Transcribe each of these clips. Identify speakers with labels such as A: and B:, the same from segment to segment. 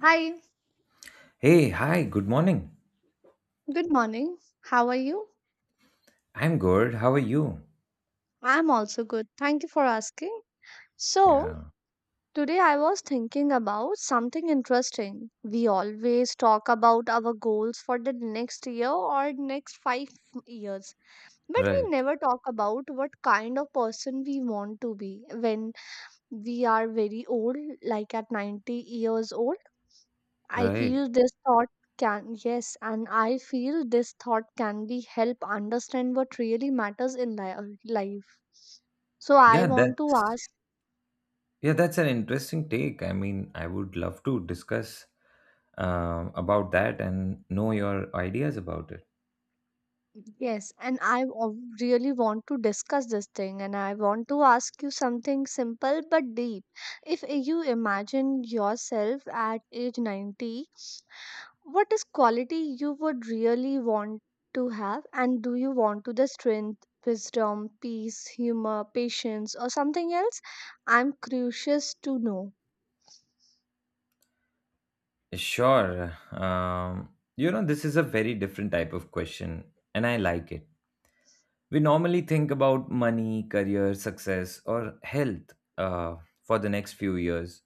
A: Hi,
B: Hey, hi, good morning.
A: good morning. How are you?
B: I'm good. How are you?
A: I'm also good. Thank you for asking. So,
B: Yeah,
A: today I was thinking about something interesting. We always talk about our goals for the next year or next 5 years, but we
B: right,
A: never talk about what kind of person we want to be when we are very old, like at 90 years old. I
B: right.
A: feel this thought can, Yes, and I feel this thought can be help understand what really matters in life. So I
B: Yeah,
A: want to
B: that's
A: ask,
B: yeah, that's an interesting take. I mean, I would love to discuss about that and know your ideas about it.
A: yes, and really want to discuss this thing, and I want to ask you something simple but deep. If you imagine yourself at age 90. What is quality you would really want to have, and do you want to the strength, wisdom, peace, humor, patience, or something else? I'm curious to know.
B: Sure. You know, this is a very different type of question, and I like it. We normally think about money, career, success, or health for the next few years,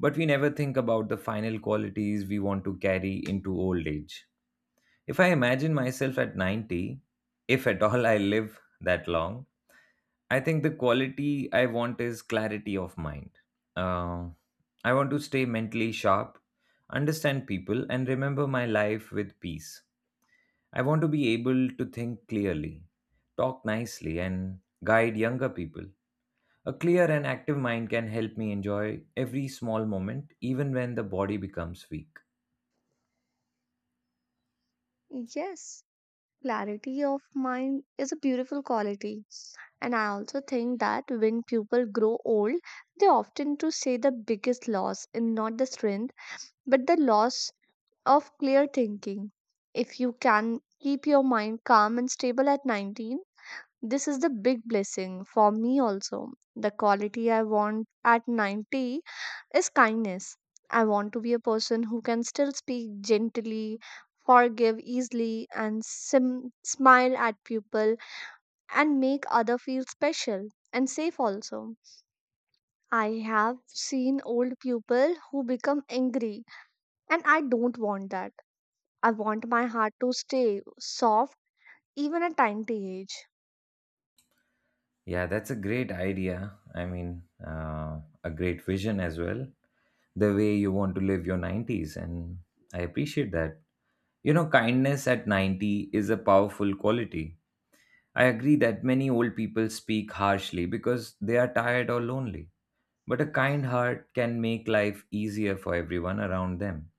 B: but we never think about the final qualities we want to carry into old age. If I imagine myself at 90, if at all I live that long, I think the quality I want is clarity of mind. Uh, I want to stay mentally sharp, understand people, and remember my life with peace. I want to be able to think clearly, talk nicely, and guide younger people. A clear and active mind can help me enjoy every small moment, even when the body becomes weak.
A: Yes, clarity of mind is a beautiful quality. And I also think that when people grow old, they often to say the biggest loss in not the strength, but the loss of clear thinking. If you can keep your mind calm and stable at 19. This is the big blessing for me also. The quality I want at 90 is kindness. I want to be a person who can still speak gently, forgive easily, and smile at people and make other feel special and safe also. I have seen old people who become angry, and I don't want that. I want my heart to stay soft even at 90 age.
B: Yeah, that's a great idea. I mean, a great vision as well. The way you want to live your 90s, and I appreciate that. You know, kindness at 90 is a powerful quality. I agree that many old people speak harshly because they are tired or lonely. But a kind heart can make life easier for everyone around them.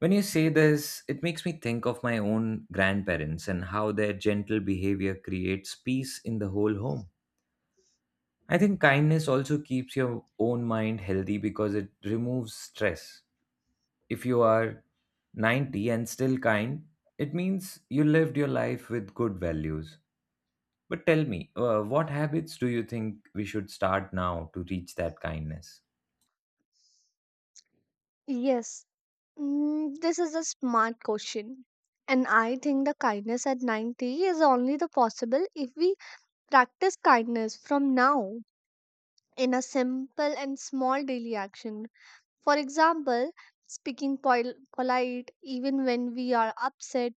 B: When you say this, it makes me think of my own grandparents and how their gentle behavior creates peace in the whole home. I think kindness also keeps your own mind healthy because it removes stress. If you are 90 and still kind, it means you lived your life with good values. But tell me, what habits do you think we should start now to reach that kindness?
A: Yes. This is a smart question. And I think the kindness at 90 is only the possible if we practice kindness from now in a simple and small daily action. For example, speaking polite even when we are upset,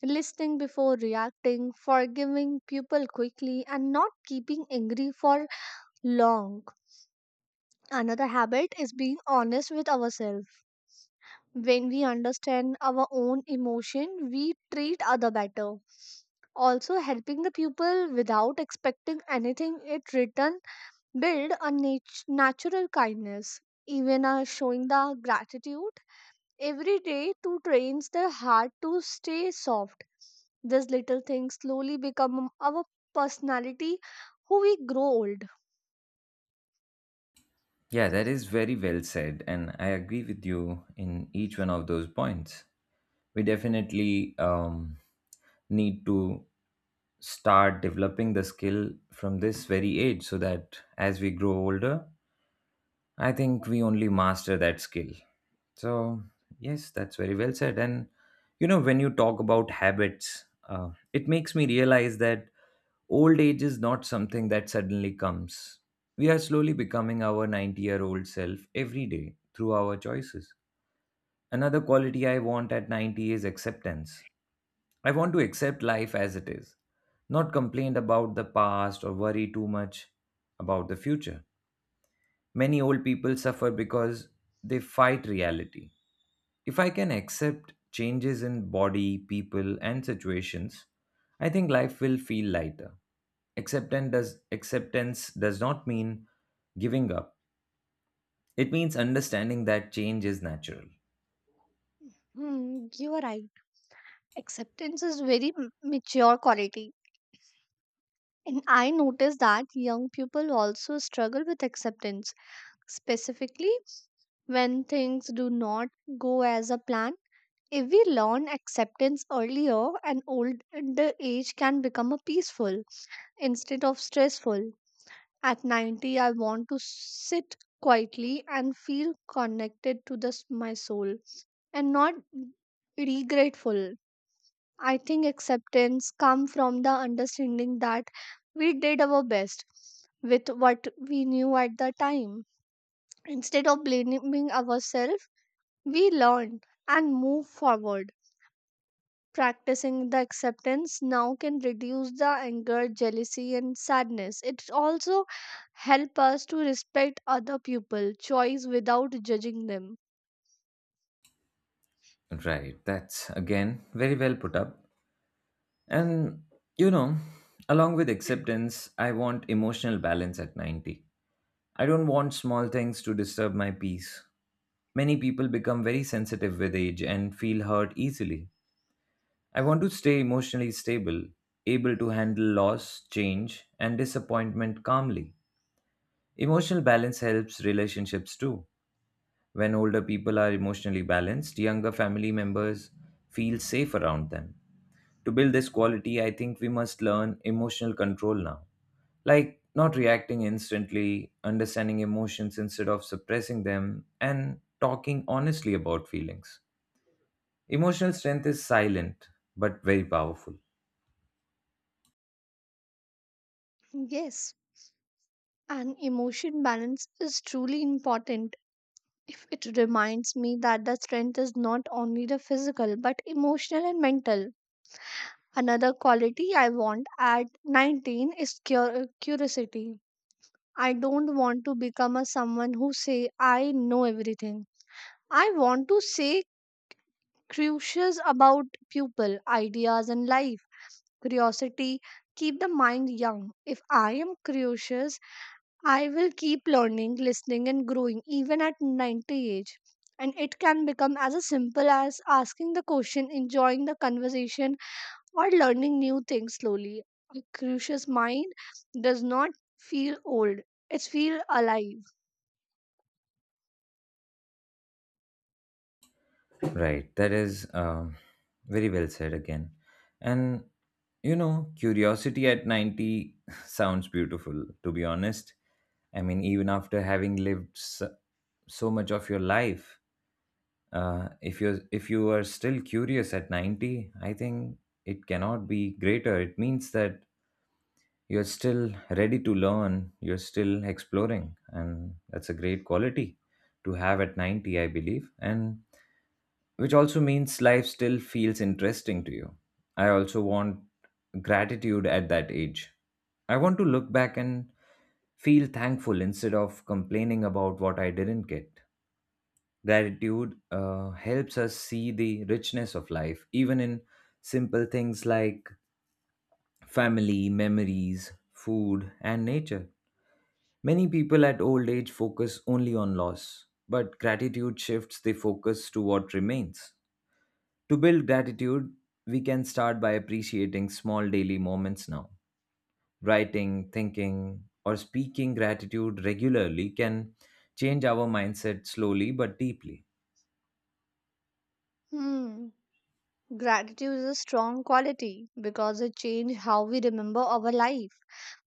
A: listening before reacting, forgiving people quickly, and not keeping angry for long. Another habit is being honest with ourselves, when we understand our own emotion we treat other better, also helping the people without expecting anything it return build a natural kindness, even showing the gratitude every day to trains the heart to stay soft. These little things slowly become our personality, who we grow old.
B: Yeah, that is very well said, and I agree with you in each one of those points. We definitely need to start developing the skill from this very age so that as we grow older, I think we only master that skill. So, yes, that's very well said. And you know, when you talk about habits, it makes me realize that old age is not something that suddenly comes. We are slowly becoming our 90-year-old self every day through our choices. Another quality I want at 90 is acceptance. I want to accept life as it is, not complain about the past or worry too much about the future. Many old people suffer because they fight reality. If I can accept changes in body, people, and situations, I think life will feel lighter. Acceptance does not mean giving up, it means understanding that change is natural.
A: Hmm, you are right. Acceptance is very mature quality. And I notice that young people also struggle with acceptance, specifically when things do not go as a plan. If we learn acceptance earlier, an older age can become a peaceful instead of stressful. At 90, I want to sit quietly and feel connected to this, my soul, and not regretful. I think acceptance comes from the understanding that we did our best with what we knew at the time. Instead of blaming ourselves, we learn and move forward. Practicing the acceptance now can reduce the anger, jealousy, and sadness. It also helps us to respect other people's choice without judging them.
B: Right, that's again very well put up. And you know, along with acceptance, I want emotional balance at 90. I don't want small things to disturb my peace. Many people become very sensitive with age and feel hurt easily. I want to stay emotionally stable, able to handle loss, change, and disappointment calmly. Emotional balance helps relationships too. When older people are emotionally balanced, younger family members feel safe around them. To build this quality, I think we must learn emotional control now. Like not reacting instantly, understanding emotions instead of suppressing them, and talking honestly about feelings. Emotional strength is silent but very powerful.
A: Yes, an emotion balance is truly important if it reminds me that the strength is not only the physical but emotional and mental. Another quality I want at 19 is curiosity. I don't want to become a someone who say I know everything. I want to say curious about people, ideas and life. Curiosity keep the mind young. If I am curious, I will keep learning, listening, and growing even at 90 age. And it can become as a simple as asking the question, enjoying the conversation, or learning new things slowly. A curious mind does not feel old; it's feel alive.
B: Right, that is very well said again. And you know, curiosity at 90 sounds beautiful, to be honest. I mean, even after having lived so much of your life, if you are still curious at 90, I think it cannot be greater. It means that you're still ready to learn, you're still exploring, and that's a great quality to have at 90, I believe. And which also means life still feels interesting to you. I also want gratitude at that age. I want to look back and feel thankful instead of complaining about what I didn't get. Gratitude helps us see the richness of life, even in simple things like family, memories, food, and nature. Many people at old age focus only on loss, but gratitude shifts the focus to what remains. To build gratitude, we can start by appreciating small daily moments now. Writing, thinking, or speaking gratitude regularly can change our mindset slowly but deeply.
A: Hmm. Gratitude is a strong quality because it changes how we remember our life.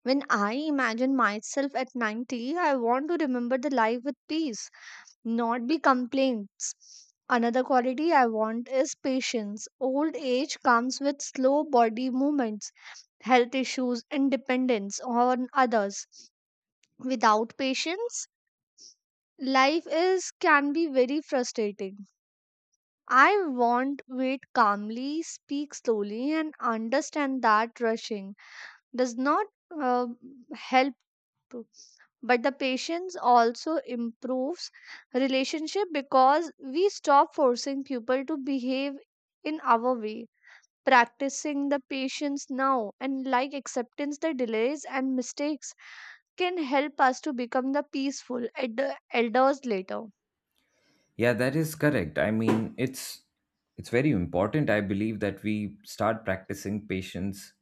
A: When I imagine myself at 90, I want to remember the life with peace, not be complaints. Another quality I want is patience. Old age comes with slow body movements, health issues, and dependence on others. Without patience, life is can be very frustrating. I want wait calmly, speak slowly, and understand that rushing does not uh, help. True. But the patience also improves relationship because we stop forcing people to behave in our way. Practicing the patience now and like acceptance the delays and mistakes can help us to become the peaceful elders later.
B: Yeah, that is correct. I mean, it's very important. I believe that we start practicing patience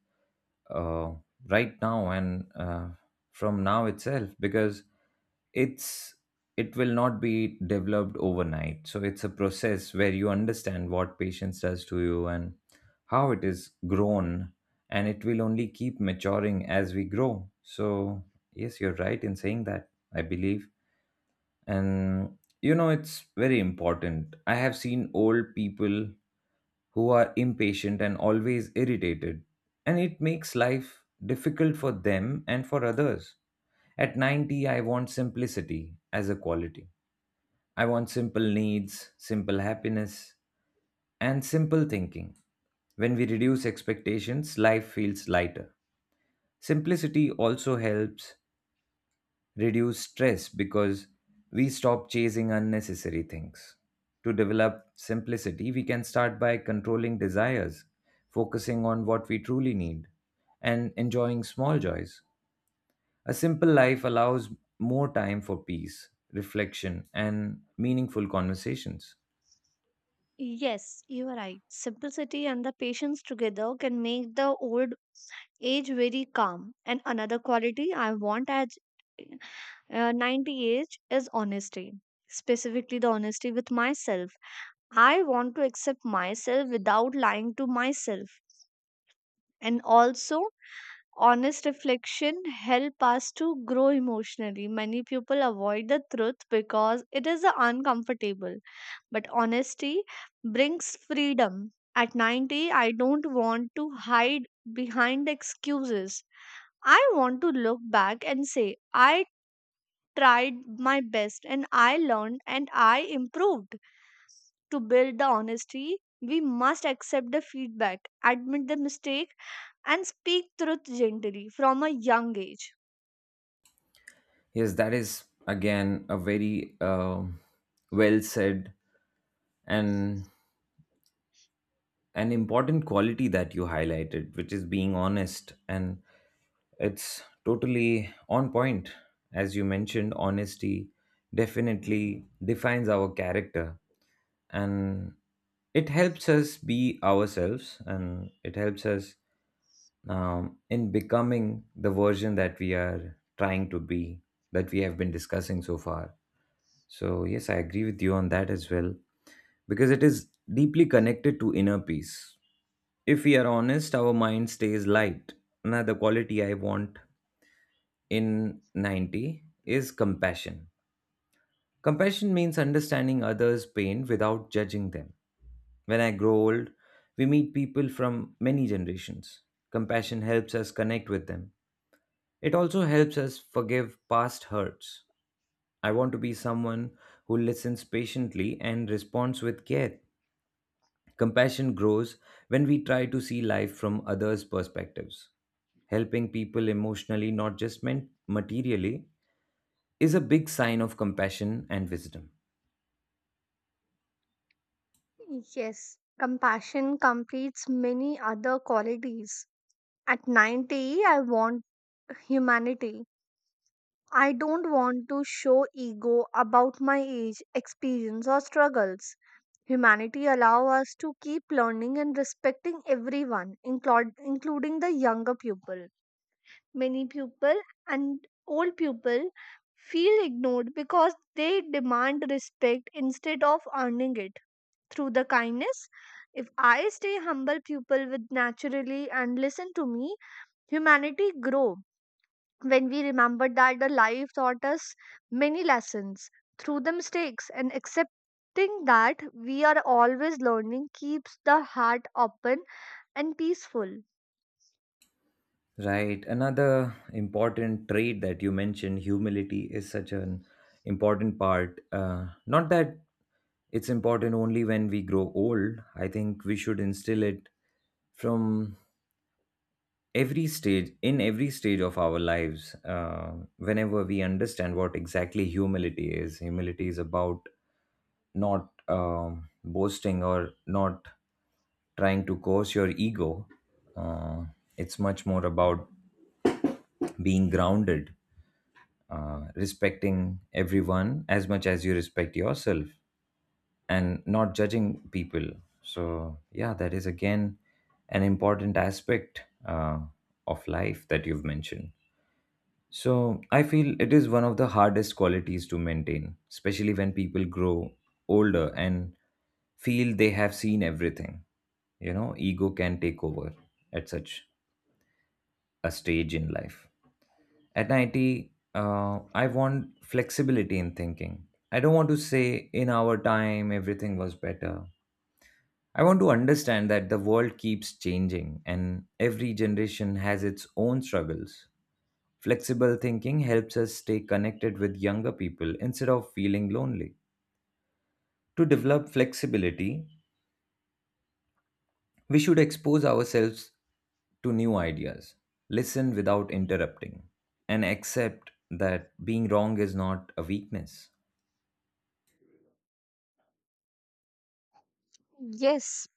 B: uh, right now and from now itself because it's it will not be developed overnight. So it's a process where you understand what patience does to you and how it is grown, and it will only keep maturing as we grow. So yes, you're right in saying that. I believe and you know it's very important. I have seen old people who are impatient and always irritated, and it makes life difficult for them and for others. At 90 I want simplicity as a quality. I want simple needs, simple happiness, and simple thinking. When we reduce expectations life feels lighter. Simplicity also helps reduce stress because we stop chasing unnecessary things. To develop simplicity, we can start by controlling desires, focusing on what we truly need, and enjoying small joys. A simple life allows more time for peace, reflection, and meaningful conversations.
A: Yes, you are right. Simplicity and the patience together can make the old age very calm. And another quality I want as 98 is honesty, specifically the honesty with myself. I want to accept myself without lying to myself, and also honest reflection help us to grow emotionally. Many people avoid the truth because it is uncomfortable, but honesty brings freedom. At 90, I don't want to hide behind excuses. I want to look back and say, I tried my best and I learned and I improved. To build the honesty, we must accept the feedback, admit the mistake, and speak truth gently from a young age.
B: Yes, that is again a very well said and an important quality that you highlighted, which is being honest, and it's totally on point. As you mentioned, honesty definitely defines our character, and it helps us be ourselves and it helps us in becoming the version that we are trying to be, that we have been discussing so far. So, yes, I agree with you on that as well because it is deeply connected to inner peace. If we are honest, our mind stays light. Another quality I want in 90 is compassion. Compassion means understanding others' pain without judging them. When I grow old, we meet people from many generations. Compassion helps us connect with them. It also helps us forgive past hurts. I want to be someone who listens patiently and responds with care. Compassion grows when we try to see life from others' perspectives. Helping people emotionally, not just materially, is a big sign of compassion and wisdom.
A: Yes, compassion completes many other qualities. At 90, I want humanity. I don't want to show ego about my age, experience, or struggles. Humanity allow us to keep learning and respecting everyone, including the younger people. Many people and old people feel ignored because they demand respect instead of earning it through the kindness. If I stay humble, people with naturally and listen to me. Humanity grow when we remember that the life taught us many lessons through the mistakes, and accepting that we are always learning keeps the heart open and peaceful.
B: Right. Another important trait that you mentioned, humility, is such an important part. Not that it's important only when we grow old. I think we should instill it from every stage, in every stage of our lives. Whenever we understand what exactly humility is about not boasting or not trying to coerce your ego. Uh, it's much more about being grounded, respecting everyone as much as you respect yourself, and not judging people. So, yeah, that is again an important aspect of life that you've mentioned. So I feel it is one of the hardest qualities to maintain, especially when people grow older and feel they have seen everything. You know, ego can take over at such a stage in life. At 90, I want flexibility in thinking. I don't want to say in our time everything was better. I want to understand that the world keeps changing and every generation has its own struggles. Flexible thinking helps us stay connected with younger people instead of feeling lonely. To develop flexibility, we should expose ourselves to new ideas, listen without interrupting, and accept that being wrong is not a weakness.
A: Yes,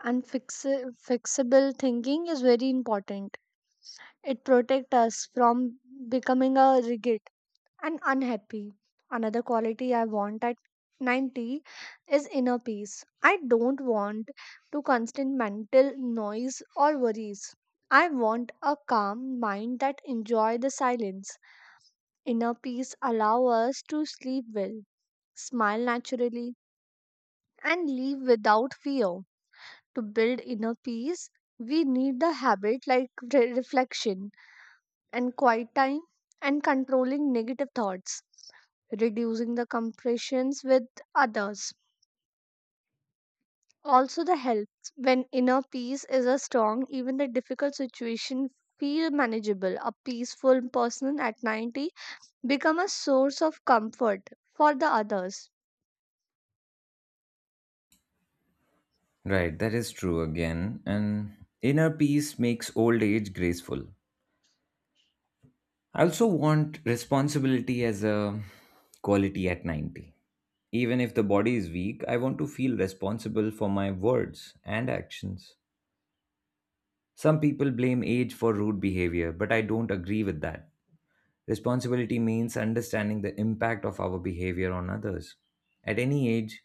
A: and fixable thinking is very important. It protects us from becoming a rigid and unhappy. Another quality I want at 90 is inner peace. I don't want to constant mental noise or worries. I want a calm mind that enjoy the silence. Inner peace allow us to sleep well, smile naturally, and live without fear. To build inner peace, we need the habit like reflection and quiet time and controlling negative thoughts, reducing the compressions with others. Also, the helps when inner peace is a strong, even the difficult situation feel manageable. A peaceful person at 90 become a source of comfort for the others.
B: Right, that is true again. And inner peace makes old age graceful. I also want responsibility as a quality at 90. Even if the body is weak, I want to feel responsible for my words and actions. Some people blame age for rude behavior, but I don't agree with that. Responsibility means understanding the impact of our behavior on others. At any age,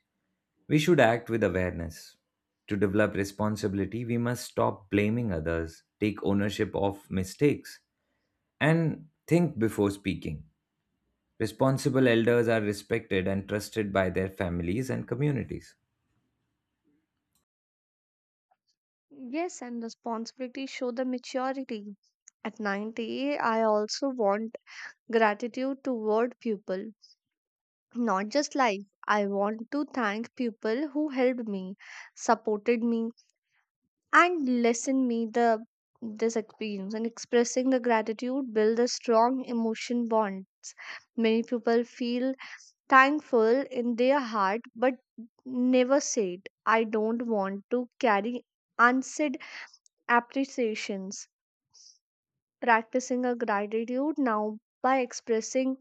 B: we should act with awareness. To develop responsibility, we must stop blaming others, take ownership of mistakes, and think before speaking. Responsible elders are respected and trusted by their families and communities.
A: Yes, and responsibility show the maturity. At 90, I also want gratitude toward people, not just life. I want to thank people who helped me, supported me, and listened me the this experience. And expressing the gratitude build a strong emotion bonds. Many people feel thankful in their heart, but never say it. I don't want to carry unsaid appreciations. Practicing a gratitude now by expressing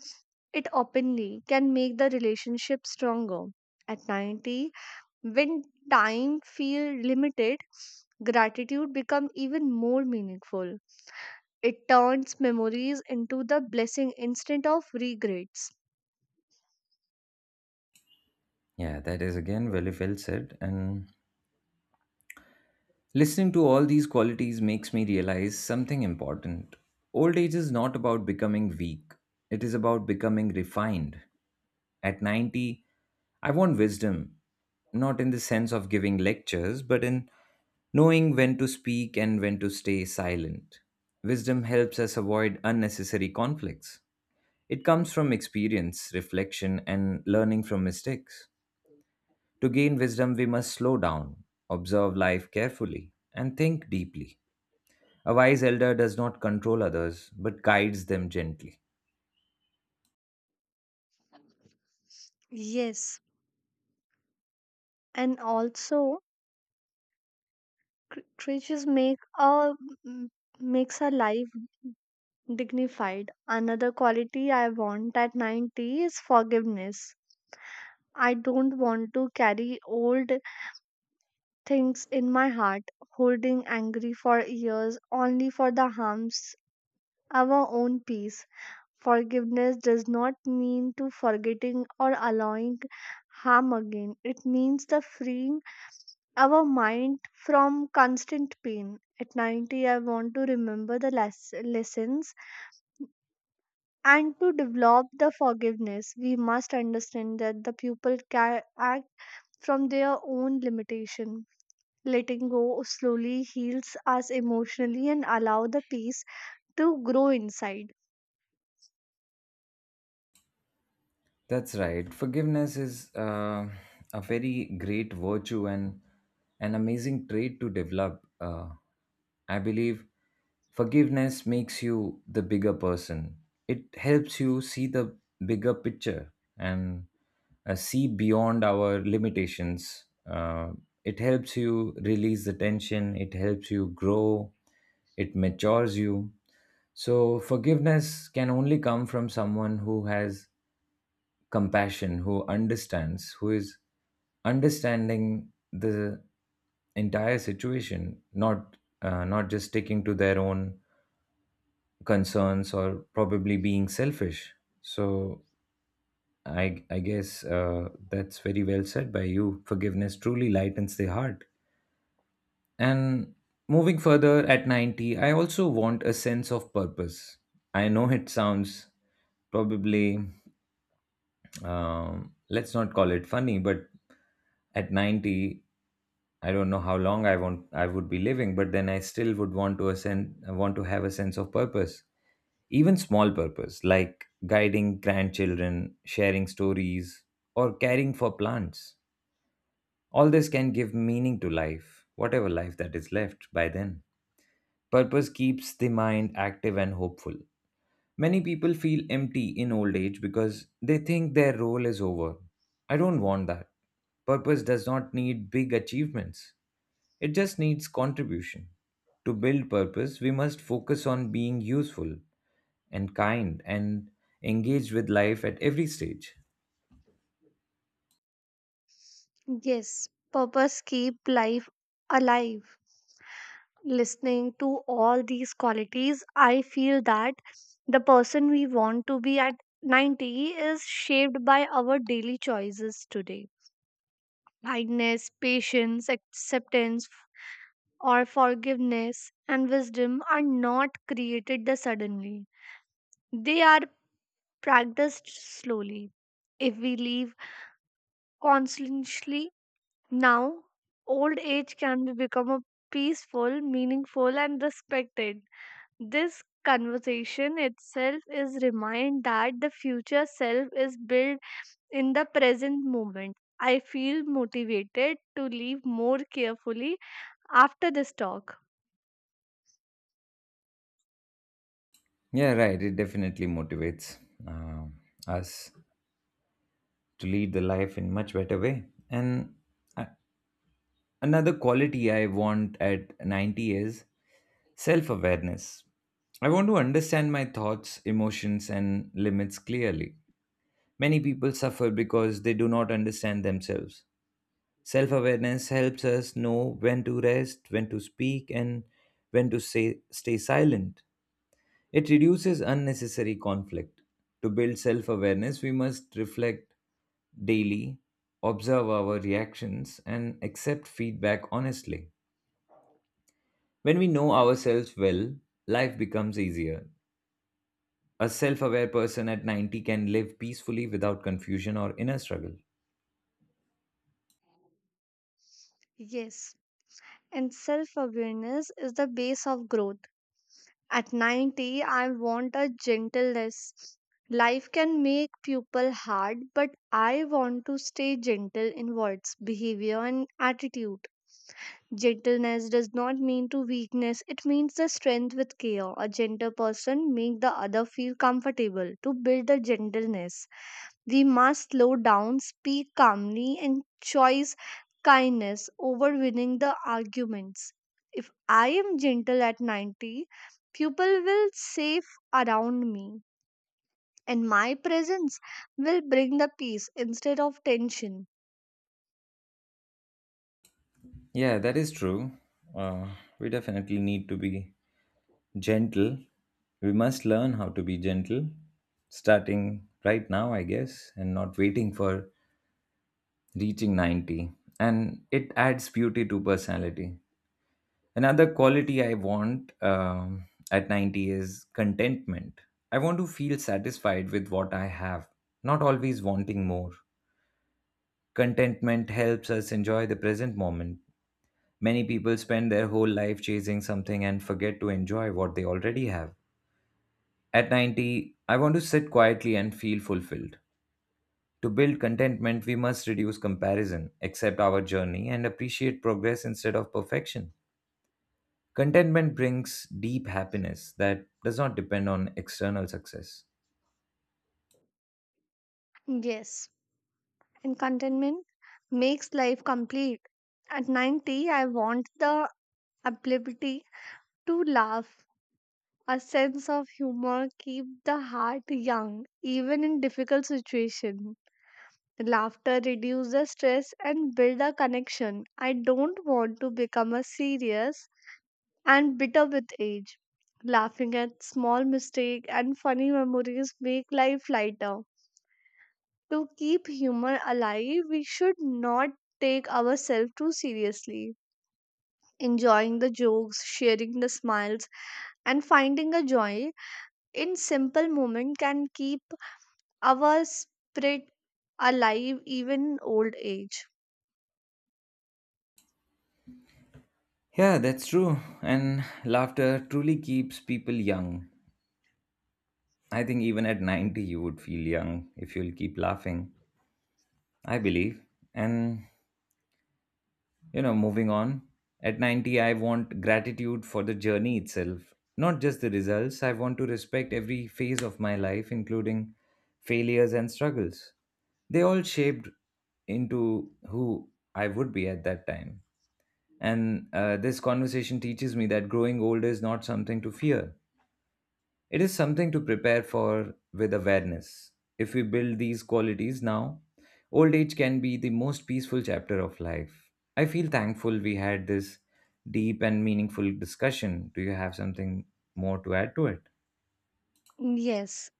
A: it openly can make the relationship stronger. At 90, when time feels limited, gratitude becomes even more meaningful. It turns memories into the blessing instead of regrets.
B: Yeah, that is again very well said. And listening to all these qualities makes me realize something important. Old age is not about becoming weak, it is about becoming refined. At 90, I want wisdom, not in the sense of giving lectures, but in knowing when to speak and when to stay silent. Wisdom helps us avoid unnecessary conflicts. It comes from experience, reflection, and learning from mistakes. To gain wisdom, we must slow down, observe life carefully, and think deeply. A wise elder does not control others, but guides them gently.
A: Yes, and also creatures m- makes our life dignified. Another quality I want at 90 is forgiveness. I don't want to carry old things in my heart, holding angry for years only for the harms our own peace. Forgiveness does not mean to forgetting or allowing harm again. It means the freeing our mind from constant pain. At 90, I want to remember the lessons and to develop the forgiveness. We must understand that the pupil can act from their own limitation. Letting go slowly heals us emotionally and allow the peace to grow inside.
B: That's right. Forgiveness is a very great virtue and an amazing trait to develop. I believe forgiveness makes you the bigger person. It helps you see the bigger picture and see beyond our limitations. It helps you release the tension, it helps you grow, it matures you. So, forgiveness can only come from someone who has compassion, who understands, who is understanding the entire situation, not not just sticking to their own concerns or probably being selfish. So I guess that's very well said by you. Forgiveness truly lightens the heart. And moving further at 90, I also want a sense of purpose. I know it sounds probably, let's not call it funny, but at 90, I don't know how long I would be living, but then I still would want to ascend, want to have a sense of purpose, even small purpose like guiding grandchildren, sharing stories, or caring for plants. All this can give meaning to life, whatever life that is left by then. Purpose keeps the mind active and hopeful. Many people feel empty in old age because they think their role is over. I don't want that. Purpose does not need big achievements, it just needs contribution. To build purpose, we must focus on being useful and kind and engaged with life at every stage.
A: Yes, purpose keep life alive. Listening to all these qualities, I feel that the person we want to be at 90 is shaped by our daily choices today. Kindness, patience, acceptance, or forgiveness and wisdom are not created the suddenly. They are practiced slowly. If we live consciously now, old age can be become a peaceful, meaningful, and respected. This conversation itself is remind that the future self is built in the present moment. I feel motivated to live more carefully after this talk.
B: Yeah, right. It definitely motivates uh, us to lead the life in much better way and a- another quality I want at 90 is self awareness. I want to understand my thoughts, emotions, and limits clearly. Many people suffer because they do not understand themselves. Self awareness helps us know when to rest, when to speak, and when to say, stay silent. It reduces unnecessary conflict. To build self awareness, we must reflect daily, observe our reactions, and accept feedback honestly. When we know ourselves well, life becomes easier. A self aware person at 90 can live peacefully without confusion or inner struggle.
A: Yes, and self awareness is the base of growth. At 90, I want a gentleness. Life can make people hard, but I want to stay gentle in words, behavior, and attitude. Gentleness does not mean to weakness, it means the strength with care. A gentle person make the other feel comfortable to build the gentleness. We must slow down, speak calmly, and choose kindness over winning the arguments. If I am gentle at 90, people will safe around me, and my presence will bring the peace instead of tension.
B: Yeah, that is true. Uh, we definitely need to be gentle. We must learn how to be gentle, starting right now, I guess, and not waiting for reaching 90, and it adds beauty to personality. Another quality I want, at 90, is contentment. I want to feel satisfied with what I have, not always wanting more. Contentment helps us enjoy the present moment. Many people spend their whole life chasing something and forget to enjoy what they already have. At 90, I want to sit quietly and feel fulfilled. To build contentment, we must reduce comparison, accept our journey, and appreciate progress instead of perfection. Contentment brings deep happiness that does not depend on external success.
A: Yes, and contentment makes life complete. At 90, I want the ability to laugh. A sense of humor keep the heart young, even in difficult situations. Laughter reduces stress and build a connection. I don't want to become a serious and bitter with age. Laughing at small mistake and funny memories make life lighter. To keep humor alive, we should not take ourselves too seriously. Enjoying the jokes, sharing the smiles, and finding a joy in simple moment can keep our spirit alive even old age.
B: Yeah, that's true. And laughter truly keeps people young. I think even at 90, you would feel young if you'll keep laughing. I believe. And you know, moving on, at 90 I want gratitude for the journey itself, not just the results. I want to respect every phase of my life, including failures and struggles. They all shaped into who I would be at that time. And this conversation teaches me that growing old is not something to fear, it is something to prepare for with awareness. If we build these qualities now, old age can be the most peaceful chapter of life. I feel thankful we had this deep and meaningful discussion. Do you have something more to add to it?
A: Yes.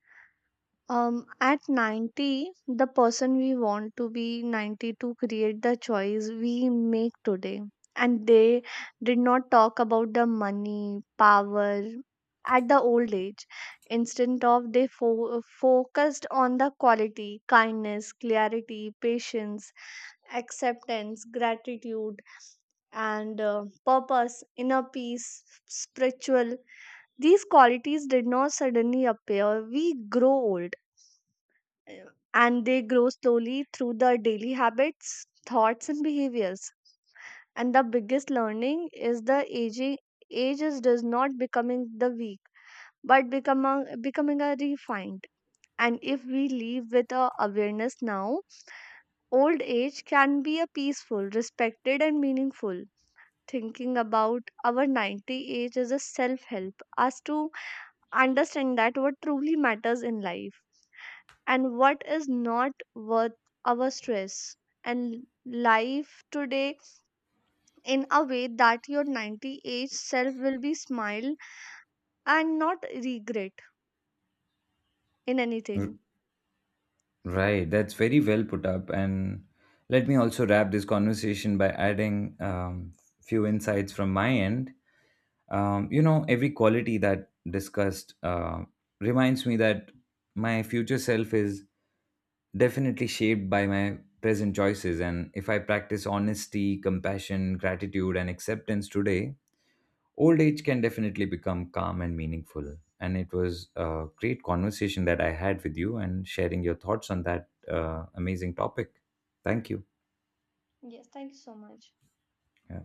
A: At 90, the person we want to be 90 to create the choice we make today. And they did not talk about the money, power at the old age. Instead of they focused on the quality, kindness, clarity, patience, acceptance, gratitude, and purpose, inner peace, spiritual. These qualities did not suddenly appear. We grow old, and they grow slowly through their daily habits, thoughts, and behaviors. And the biggest learning is the aging age is does not becoming the weak, but becoming a refined. And if we live with a awareness now, old age can be a peaceful, respected, and meaningful. Thinking about our 90 age is a self help us to understand that what truly matters in life, and what is not worth our stress and life today in a way that your 90 age self will be smile and not regret in
B: R-
A: anything.
B: Right, that's very well put up. And let me also wrap this conversation by adding, few insights from my end. You know, every quality that discussed reminds me that my future self is definitely shaped by my present choices, and if I practice honesty, compassion, gratitude, and acceptance today, old age can definitely become calm and meaningful. And it was a great conversation that I had with you and sharing your thoughts on that amazing topic. Thank you.
A: Yes, thank you so much.
B: Yeah.